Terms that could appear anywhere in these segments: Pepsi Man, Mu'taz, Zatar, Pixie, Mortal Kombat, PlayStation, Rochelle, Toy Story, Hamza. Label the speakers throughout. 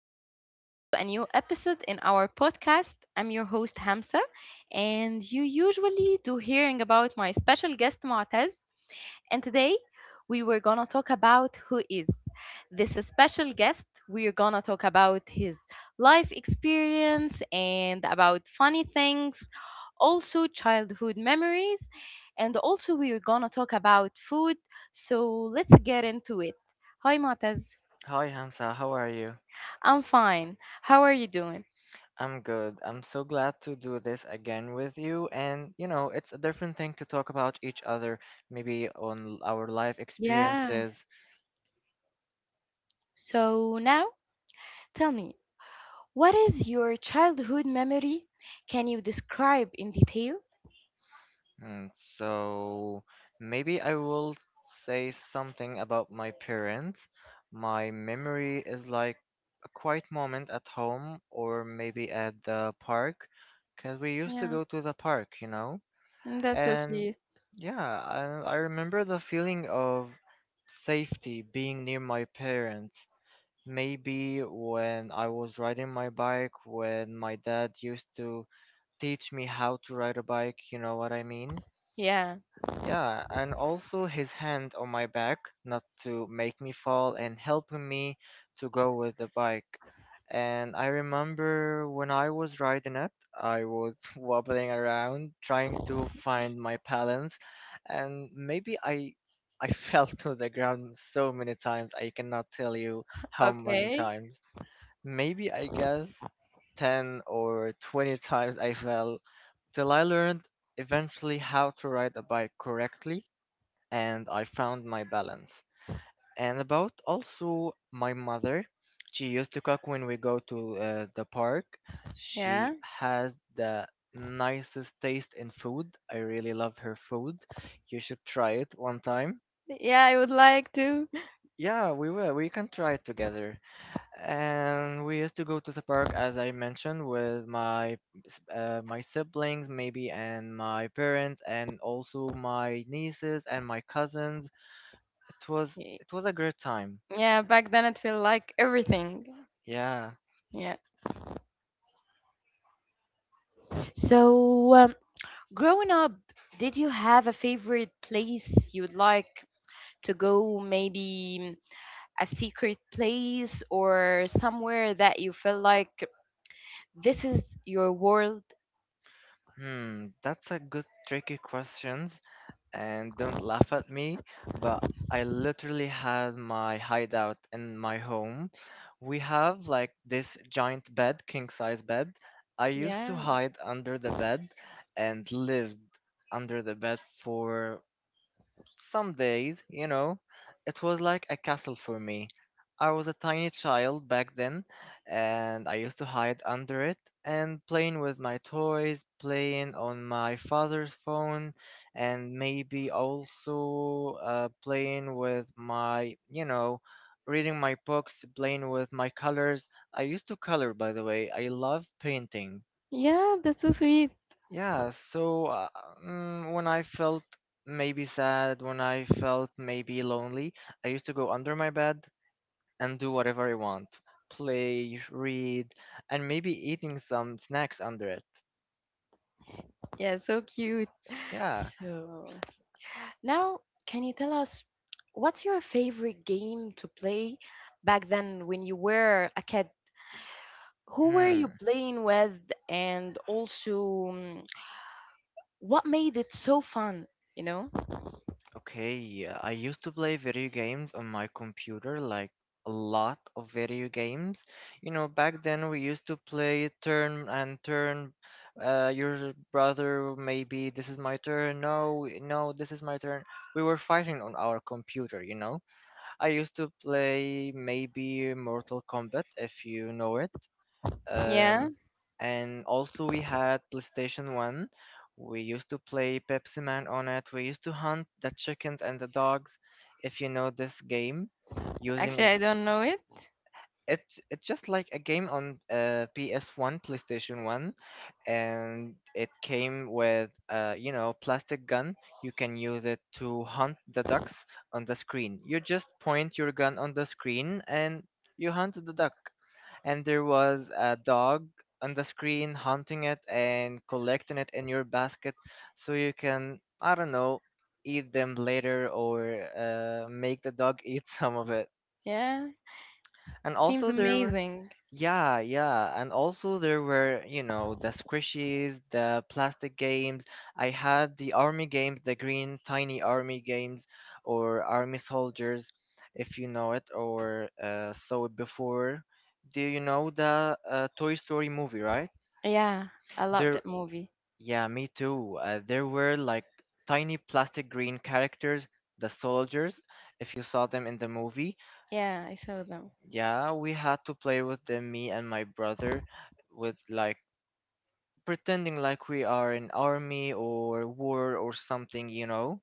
Speaker 1: again to a new episode in our podcast. I'm your host, Hamza, and you usually do hearing about my special guest, Mu'taz. And today we were gonna talk about who is this special guest. We're gonna talk about his life experience and about funny things, also childhood memories, and also we're gonna talk about food. So let's get into it. Hi, Mu'taz.
Speaker 2: Hi Hamza, how are you?
Speaker 1: I'm fine. How are you doing?
Speaker 2: I'm good. I'm so glad to do this again with you. And, you know, it's a different thing to talk about each other, maybe on our life
Speaker 1: Yeah.
Speaker 2: experiences.
Speaker 1: So now tell me, what is your childhood memory? Can you describe in detail?
Speaker 2: And so maybe I will say something about my parents. My memory is like a quiet moment at home or maybe at the park, because we used to
Speaker 1: Yeah,
Speaker 2: go to the park, you know?
Speaker 1: mm, that's so
Speaker 2: And
Speaker 1: sweet.
Speaker 2: yeah, and I remember the feeling of safety being near my parents. Maybe when I was riding my bike, when my dad used to teach me how to ride a bike, you know what I mean?
Speaker 1: Yeah.
Speaker 2: Yeah, and also his hand on my back, not to make me fall, and helping me to go with the bike. And I remember when I was riding it, I was wobbling around trying to find my balance, and maybe I fell to the ground so many times, I cannot tell you how many
Speaker 1: Okay.
Speaker 2: times. Maybe I guess 10 or 20 times I fell till I learned eventually how to ride a bike correctly and I found my balance. And about also my mother, she used to cook when we go to the park. She
Speaker 1: Yeah.
Speaker 2: has the nicest taste in food. I really love her food. You should try it one time.
Speaker 1: Yeah, I would like to.
Speaker 2: Yeah, we will. We can try it together. And we used to go to the park, as I mentioned, with my my siblings, maybe, and my parents, and also my nieces and my cousins. It was
Speaker 1: Y-
Speaker 2: it was a great time.
Speaker 1: Yeah, back then it felt like everything.
Speaker 2: Yeah.
Speaker 1: Yeah. So, growing up, did you have a favorite place you'd like to go? Maybe a secret place or somewhere that you feel like this is your world.
Speaker 2: Hmm, that's a good tricky questions and don't laugh at me, but I literally had my hideout in my home. We have like this giant bed, king size bed. I used to
Speaker 1: Yeah.
Speaker 2: hide under the bed and lived under the bed for some days, you know, it was like a castle for me. I was a tiny child back then, and I used to hide under it and playing with my toys, playing on my father's phone, and maybe also playing with my, you know, reading my books, playing with my colors. I used to color, by the way. I love painting.
Speaker 1: Yeah, that's so sweet.
Speaker 2: Yeah, so when I felt maybe sad, when I felt maybe lonely, I used to go under my bed and do whatever I want. Play, read, and maybe eating some snacks under it.
Speaker 1: Yeah, so cute.
Speaker 2: Yeah.
Speaker 1: So, now can you tell us what's your favorite game to play back then when you were a kid? Who were you
Speaker 2: Hmm.
Speaker 1: playing with and also what made it so fun, you know?
Speaker 2: Okay, yeah, I used to play video games on my computer, like a lot of video games. You know, back then we used to play turn and turn. Your brother, maybe this is my turn. No, no, this is my turn. We were fighting on our computer, you know. I used to play maybe Mortal Kombat, if you know it.
Speaker 1: Yeah,
Speaker 2: Um, and also we had PlayStation 1. We used to play Pepsi Man on it. We used to hunt the chickens and the dogs, if you know this game,
Speaker 1: actually
Speaker 2: using
Speaker 1: I don't know it.
Speaker 2: it's just like a game on PS1, PlayStation 1, and it came with you know plastic gun. You can use it to hunt the ducks on the screen. You just point your gun on the screen and you hunt the duck and there was a dog on the screen hunting it and collecting it in your basket so you can, I don't know, eat them later or make the dog eat some of it.
Speaker 1: Yeah,
Speaker 2: And
Speaker 1: seems
Speaker 2: also there were
Speaker 1: amazing.
Speaker 2: yeah, yeah. And also there were, you know, the squishies, the plastic games. I had the army games, the green tiny army games or army soldiers, if you know it or saw it before. Do you know the Toy Story movie, right?
Speaker 1: Yeah, I love
Speaker 2: There
Speaker 1: that movie.
Speaker 2: yeah, me too. There were like tiny plastic green characters, the soldiers, if you saw them in the movie
Speaker 1: Yeah, I saw them.
Speaker 2: yeah, we had to play with them, me and my brother, with like pretending like we are in army or war or something, you know?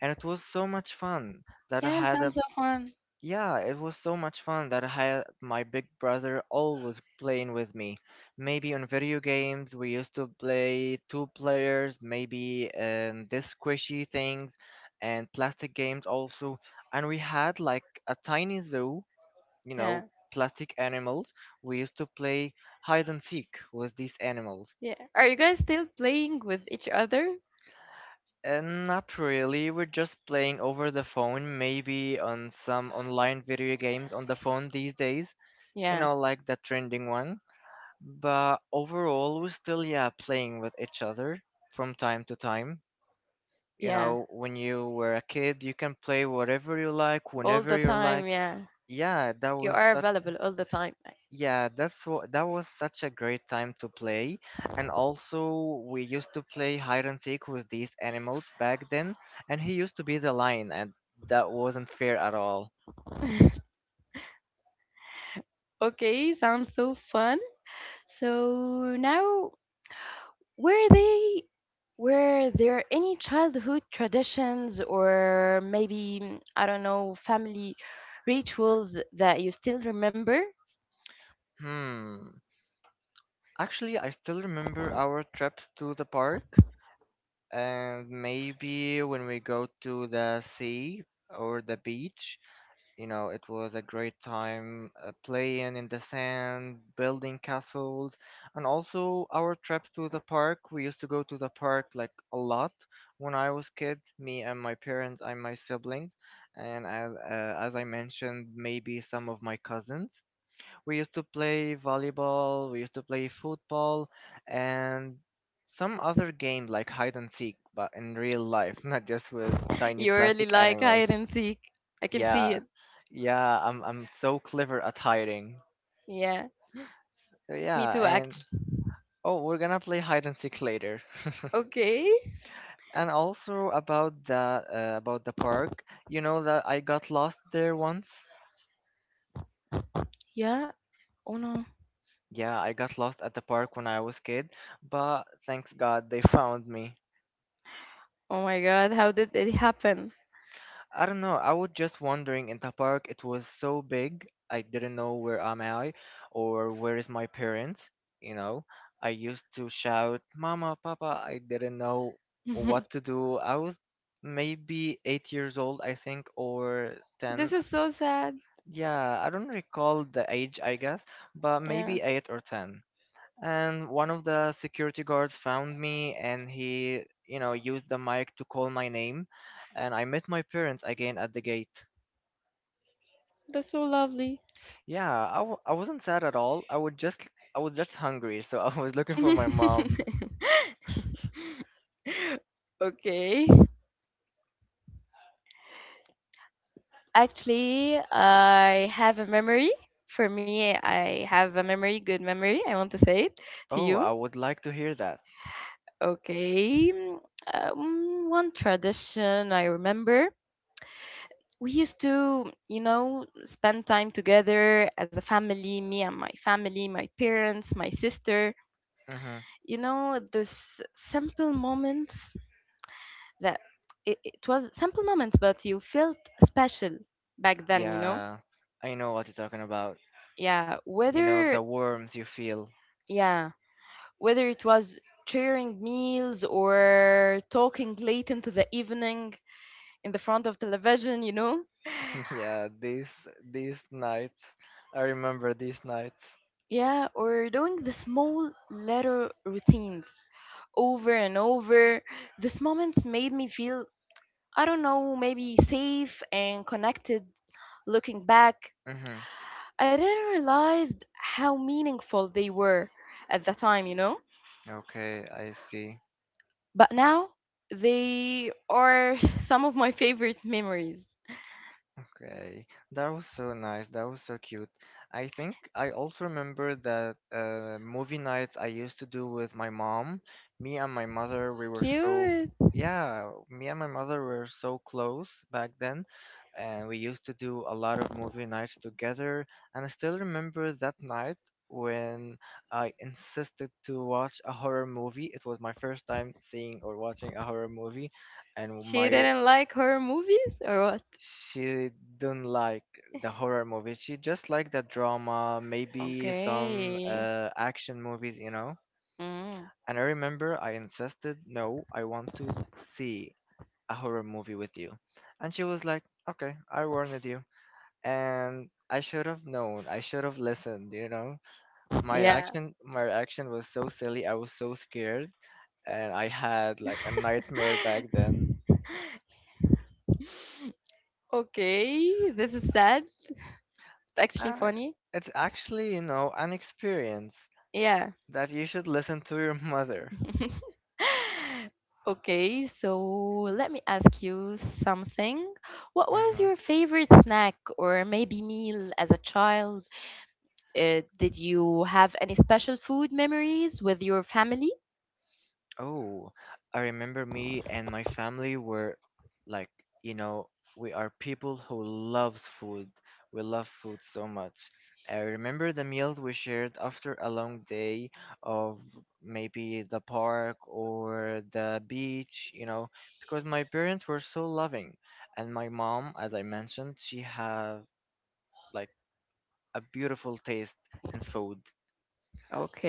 Speaker 2: And it was so much fun that I
Speaker 1: Yeah,
Speaker 2: had a
Speaker 1: sounds so fun.
Speaker 2: yeah, it was so much fun that I had my big brother always playing with me. Maybe on video games we used to play two players, maybe this squishy things and plastic games also. And we had like a tiny zoo, you
Speaker 1: Yeah.
Speaker 2: know, plastic animals. We used to play hide and seek with these animals.
Speaker 1: Yeah. Are you guys still playing with each other?
Speaker 2: And not really, we're just playing over the phone, maybe on some online video games on the phone these days, you
Speaker 1: Yeah.
Speaker 2: know, like the trending one. But overall, we're still, yeah, playing with each other from time to time. You
Speaker 1: Yeah.
Speaker 2: know, when you were a kid, you can play whatever you like,
Speaker 1: All
Speaker 2: whenever
Speaker 1: the
Speaker 2: you
Speaker 1: time,
Speaker 2: like.
Speaker 1: yeah.
Speaker 2: Yeah, that
Speaker 1: You
Speaker 2: was
Speaker 1: are
Speaker 2: such.
Speaker 1: available all the time.
Speaker 2: Yeah, that was such a great time to play. And also we used to play hide and seek with these animals back then, and he used to be the lion and that wasn't fair at all.
Speaker 1: Okay, sounds so fun. So now were they were there any childhood traditions or maybe I don't know family rituals that you still remember?
Speaker 2: Hmm. Actually, I still remember our trips to the park and maybe when we go to the sea or the beach. You know, it was a great time playing in the sand, building castles, and also our trips to the park. We used to go to the park like a lot when I was kid, me and my parents and my siblings, and as I mentioned, maybe some of my cousins. We used to play volleyball, we used to play football, and some other game like hide and seek, but in real life, not just with tiny
Speaker 1: You really
Speaker 2: plastic
Speaker 1: like
Speaker 2: animals.
Speaker 1: hide and seek. I can see
Speaker 2: Yeah,
Speaker 1: it.
Speaker 2: yeah, I'm so clever at hiding.
Speaker 1: Yeah,
Speaker 2: So
Speaker 1: me
Speaker 2: yeah,
Speaker 1: too
Speaker 2: and
Speaker 1: actually.
Speaker 2: oh, we're gonna play hide and seek later.
Speaker 1: Okay.
Speaker 2: And also about the park, you know that I got lost there once.
Speaker 1: Yeah. Oh no.
Speaker 2: Yeah, I got lost at the park when I was kid, but thanks God they found me.
Speaker 1: Oh my god, how did it happen?
Speaker 2: I don't know. I was just wondering in the park. It was so big. I didn't know where am I or where is my parents. You know, I used to shout, "Mama, Papa!" I didn't know what to do. I was maybe 8 years old, I think, or
Speaker 1: This
Speaker 2: ten.
Speaker 1: is so sad.
Speaker 2: Yeah, I don't recall the age, I guess, but
Speaker 1: Yeah.
Speaker 2: maybe eight or ten. And one of the security guards found me, and he, you know, used the mic to call my name, and I met my parents again at the gate.
Speaker 1: That's so lovely.
Speaker 2: Yeah, I wasn't sad at all. I was just hungry, so I was looking for my mom.
Speaker 1: Okay. Actually, I have a memory. For me, I have a memory, good memory. I want to say it to
Speaker 2: Oh,
Speaker 1: you.
Speaker 2: I would like to hear that.
Speaker 1: Okay. One tradition I remember we used to, you know, spend time together as a family, me and my family, my parents, my sister.
Speaker 2: Mm-hmm.
Speaker 1: You know, those simple moments that it was simple moments, but you felt special back then, you know?
Speaker 2: Yeah, I know what you're talking about.
Speaker 1: Yeah,
Speaker 2: You know,
Speaker 1: whether,
Speaker 2: the warmth you feel.
Speaker 1: yeah, whether it was sharing meals or talking late into the evening in the front of television, you know?
Speaker 2: Yeah, these nights. I remember these nights.
Speaker 1: Yeah, or doing the small little routines over and over. These moments made me feel, I don't know, maybe safe and connected. Looking back,
Speaker 2: Mm-hmm.
Speaker 1: I didn't realize how meaningful they were at the time, you know?
Speaker 2: Okay, I see.
Speaker 1: But now, they are some of my favorite memories.
Speaker 2: Okay, that was so nice. That was so cute. I think I also remember that movie nights I used to do with my mom. Me and my mother, we were so,
Speaker 1: Cute.
Speaker 2: yeah, me and my mother were so close back then, and we used to do a lot of movie nights together. And I still remember that night when I insisted to watch a horror movie. It was my first time seeing or watching a horror movie, and
Speaker 1: She
Speaker 2: my
Speaker 1: didn't like horror movies or what?
Speaker 2: she don't like the horror movies. She just like the drama, maybe some
Speaker 1: Okay.
Speaker 2: action movies, you know.
Speaker 1: Mm.
Speaker 2: And I remember I insisted, no, I want to see a horror movie with you. And she was like, okay, I warned you. And I should have known. I should have listened, you know. My
Speaker 1: Yeah.
Speaker 2: action, my reaction was so silly. I was so scared, and I had like a nightmare back then.
Speaker 1: Okay, this is sad. Actually,
Speaker 2: Uh,
Speaker 1: funny.
Speaker 2: it's actually, you know, an experience.
Speaker 1: Yeah.
Speaker 2: That you should listen to your mother.
Speaker 1: Okay, so let me ask you something. What was
Speaker 2: Hmm.
Speaker 1: your favorite snack or maybe meal as a child? Did you have any special food memories with your family?
Speaker 2: Oh, I remember me and my family were like, you know, we are people who loves food. We love food so much. I remember the meal we shared after a long day of maybe the park or the beach, you know, because my parents were so loving. And my mom, as I mentioned, she have like a beautiful taste in food.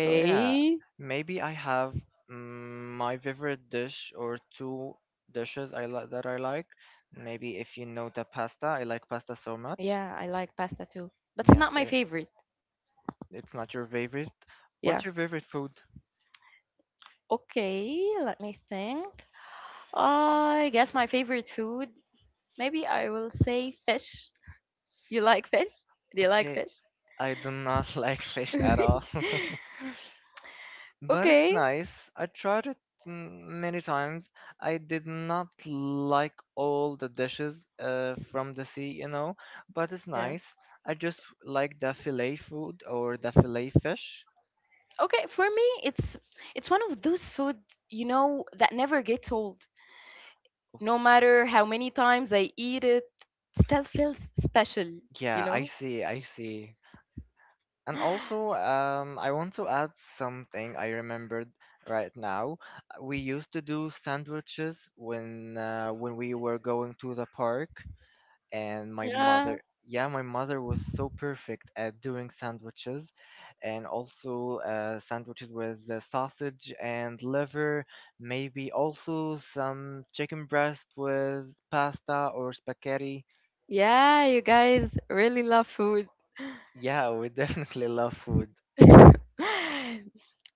Speaker 2: So yeah, maybe I have my favorite dish or two dishes I like. Maybe if you know the pasta, I like pasta so much.
Speaker 1: Yeah, I like pasta too, but it's
Speaker 2: Yes,
Speaker 1: not my
Speaker 2: I,
Speaker 1: favorite.
Speaker 2: it's not your favorite.
Speaker 1: Yeah.
Speaker 2: What's your favorite food?
Speaker 1: Okay, let me think. I guess my favorite food, maybe I will say fish. You like fish? Do you like
Speaker 2: Okay,
Speaker 1: fish?
Speaker 2: I do not like fish at all. But it's
Speaker 1: Okay.
Speaker 2: nice. I tried it many times. I did not like all the dishes from the sea, you know, but it's
Speaker 1: Yeah.
Speaker 2: nice. I just like the fillet food or the fillet fish.
Speaker 1: Okay, for me it's one of those food, you know, that never gets old. No matter how many times I eat it, still feels special, you
Speaker 2: Yeah, I
Speaker 1: know?
Speaker 2: see, I see. And also, I want to add something I remembered right now. We used to do sandwiches when we were going to the park. And my
Speaker 1: Yeah.
Speaker 2: mother, yeah, my mother was so perfect at doing sandwiches, and also sandwiches with sausage and liver, maybe also some chicken breast with pasta or spaghetti.
Speaker 1: Yeah, you guys really love food.
Speaker 2: Yeah, we definitely love food.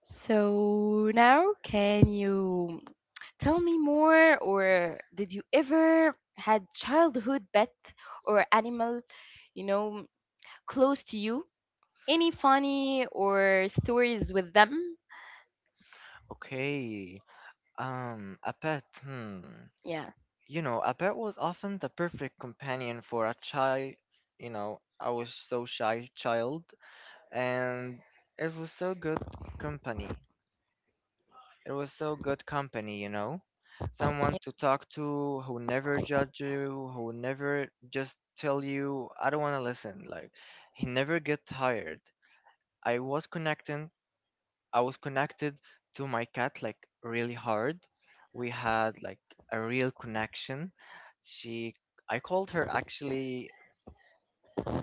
Speaker 1: So now can you tell me more, or did you ever had childhood pet or animal, you know, close to you? Any funny or stories with them?
Speaker 2: Okay, a pet, hmm.
Speaker 1: Yeah.
Speaker 2: You know, a pet was often the perfect companion for a child. You know, I was so shy child, and it was so good company. It was so good company, you know,
Speaker 1: Yeah.
Speaker 2: someone to talk to who never judge you, who never just tell you, I don't want to listen. Like, he never get tired. I was connecting, I was connected to my cat like really hard. We had like a real connection. She, I called her actually,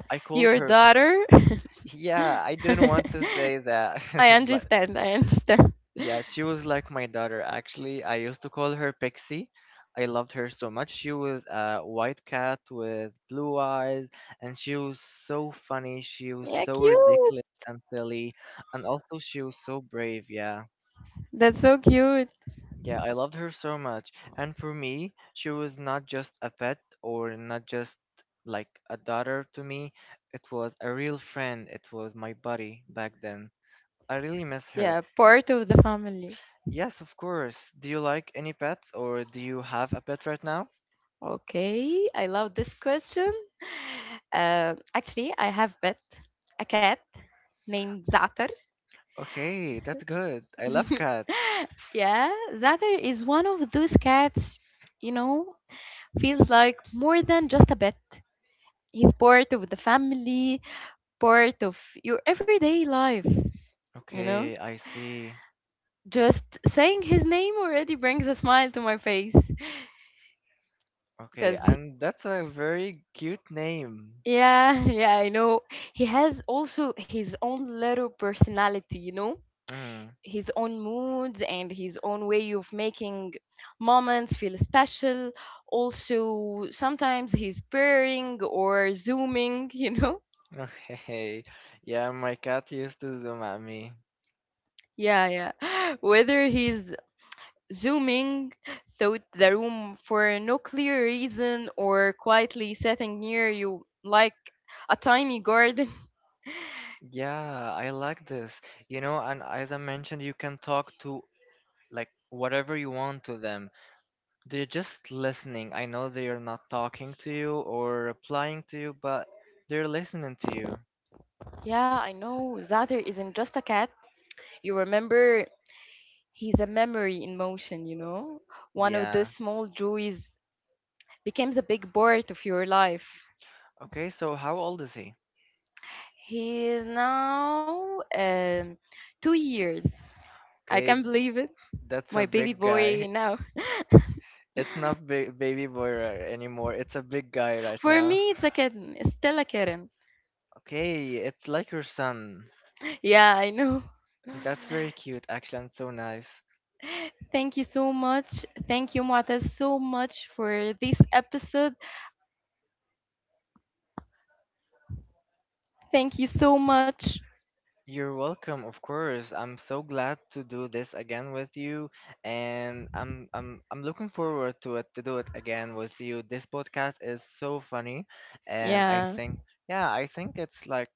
Speaker 2: I called
Speaker 1: Your
Speaker 2: her.
Speaker 1: daughter?
Speaker 2: Yeah, I didn't want to say that,
Speaker 1: I
Speaker 2: but
Speaker 1: understand. I understand.
Speaker 2: yeah, she was like my daughter. Actually, I used to call her Pixie. I loved her so much. She was a white cat with blue eyes, and she was so funny. She was
Speaker 1: Yeah,
Speaker 2: so
Speaker 1: cute.
Speaker 2: ridiculous and silly, and also she was so brave. Yeah.
Speaker 1: That's so cute.
Speaker 2: Yeah, I loved her so much. And for me, she was not just a pet or not just like a daughter to me. It was a real friend. It was my buddy back then. I really miss her.
Speaker 1: Yeah, part of the family.
Speaker 2: Yes, of course. Do you like any pets or do you have a pet right now?
Speaker 1: Okay, I love this question. Actually, I have pet, a cat named Zatar.
Speaker 2: Okay, that's good. I love cats.
Speaker 1: Yeah, Zatter is one of those cats, you know, feels like more than just a pet. He's part of the family, part of your everyday life, you know?
Speaker 2: Okay, I see.
Speaker 1: Just saying his name already brings a smile to my face.
Speaker 2: Okay,
Speaker 1: Because,
Speaker 2: and that's a very cute name.
Speaker 1: yeah, yeah, I know. He has also his own little personality, you know?
Speaker 2: Mm.
Speaker 1: His own moods and his own way of making moments feel special. Also, sometimes he's pairing or zooming, you know?
Speaker 2: Okay. Yeah, my cat used to zoom at me.
Speaker 1: Yeah, yeah. Whether he's zooming through the room for no clear reason or quietly sitting near you like a tiny garden.
Speaker 2: Yeah, I like this. You know, and as I mentioned, you can talk to like whatever you want to them. They're just listening. I know they are not talking to you or replying to you, but they're listening to you.
Speaker 1: Yeah, I know Zater isn't just a cat. You remember, he's a memory in motion, you know? One of those
Speaker 2: Yeah.
Speaker 1: small joys becomes a big part of your life.
Speaker 2: Okay, so how old is he?
Speaker 1: He is now 2 years. I
Speaker 2: Okay,
Speaker 1: can't believe it.
Speaker 2: that's a
Speaker 1: My baby
Speaker 2: big
Speaker 1: boy
Speaker 2: guy.
Speaker 1: now.
Speaker 2: It's not big baby boy anymore. It's a big guy right
Speaker 1: For
Speaker 2: now.
Speaker 1: me, it's a kitten. It's still a kitten.
Speaker 2: Okay, it's like your son.
Speaker 1: Yeah, I know.
Speaker 2: That's very cute, actually, and so nice.
Speaker 1: Thank you so much. Thank you, Muataz, so much for this episode. Thank you so much.
Speaker 2: You're welcome, of course. I'm so glad to do this again with you, and I'm looking forward to it to do it again with you. This podcast is so funny, and I
Speaker 1: Yeah,
Speaker 2: think yeah, I think it's like,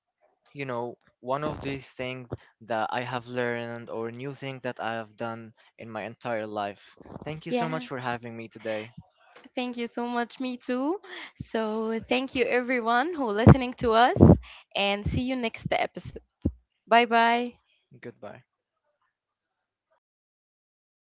Speaker 2: you know, one of the things that I have learned or new things that I have done in my entire life. Thank you so much
Speaker 1: yeah.
Speaker 2: for having me today.
Speaker 1: Thank you so much. Me too. So, thank you everyone who listening to us and see you next episode. Bye bye.
Speaker 2: Goodbye.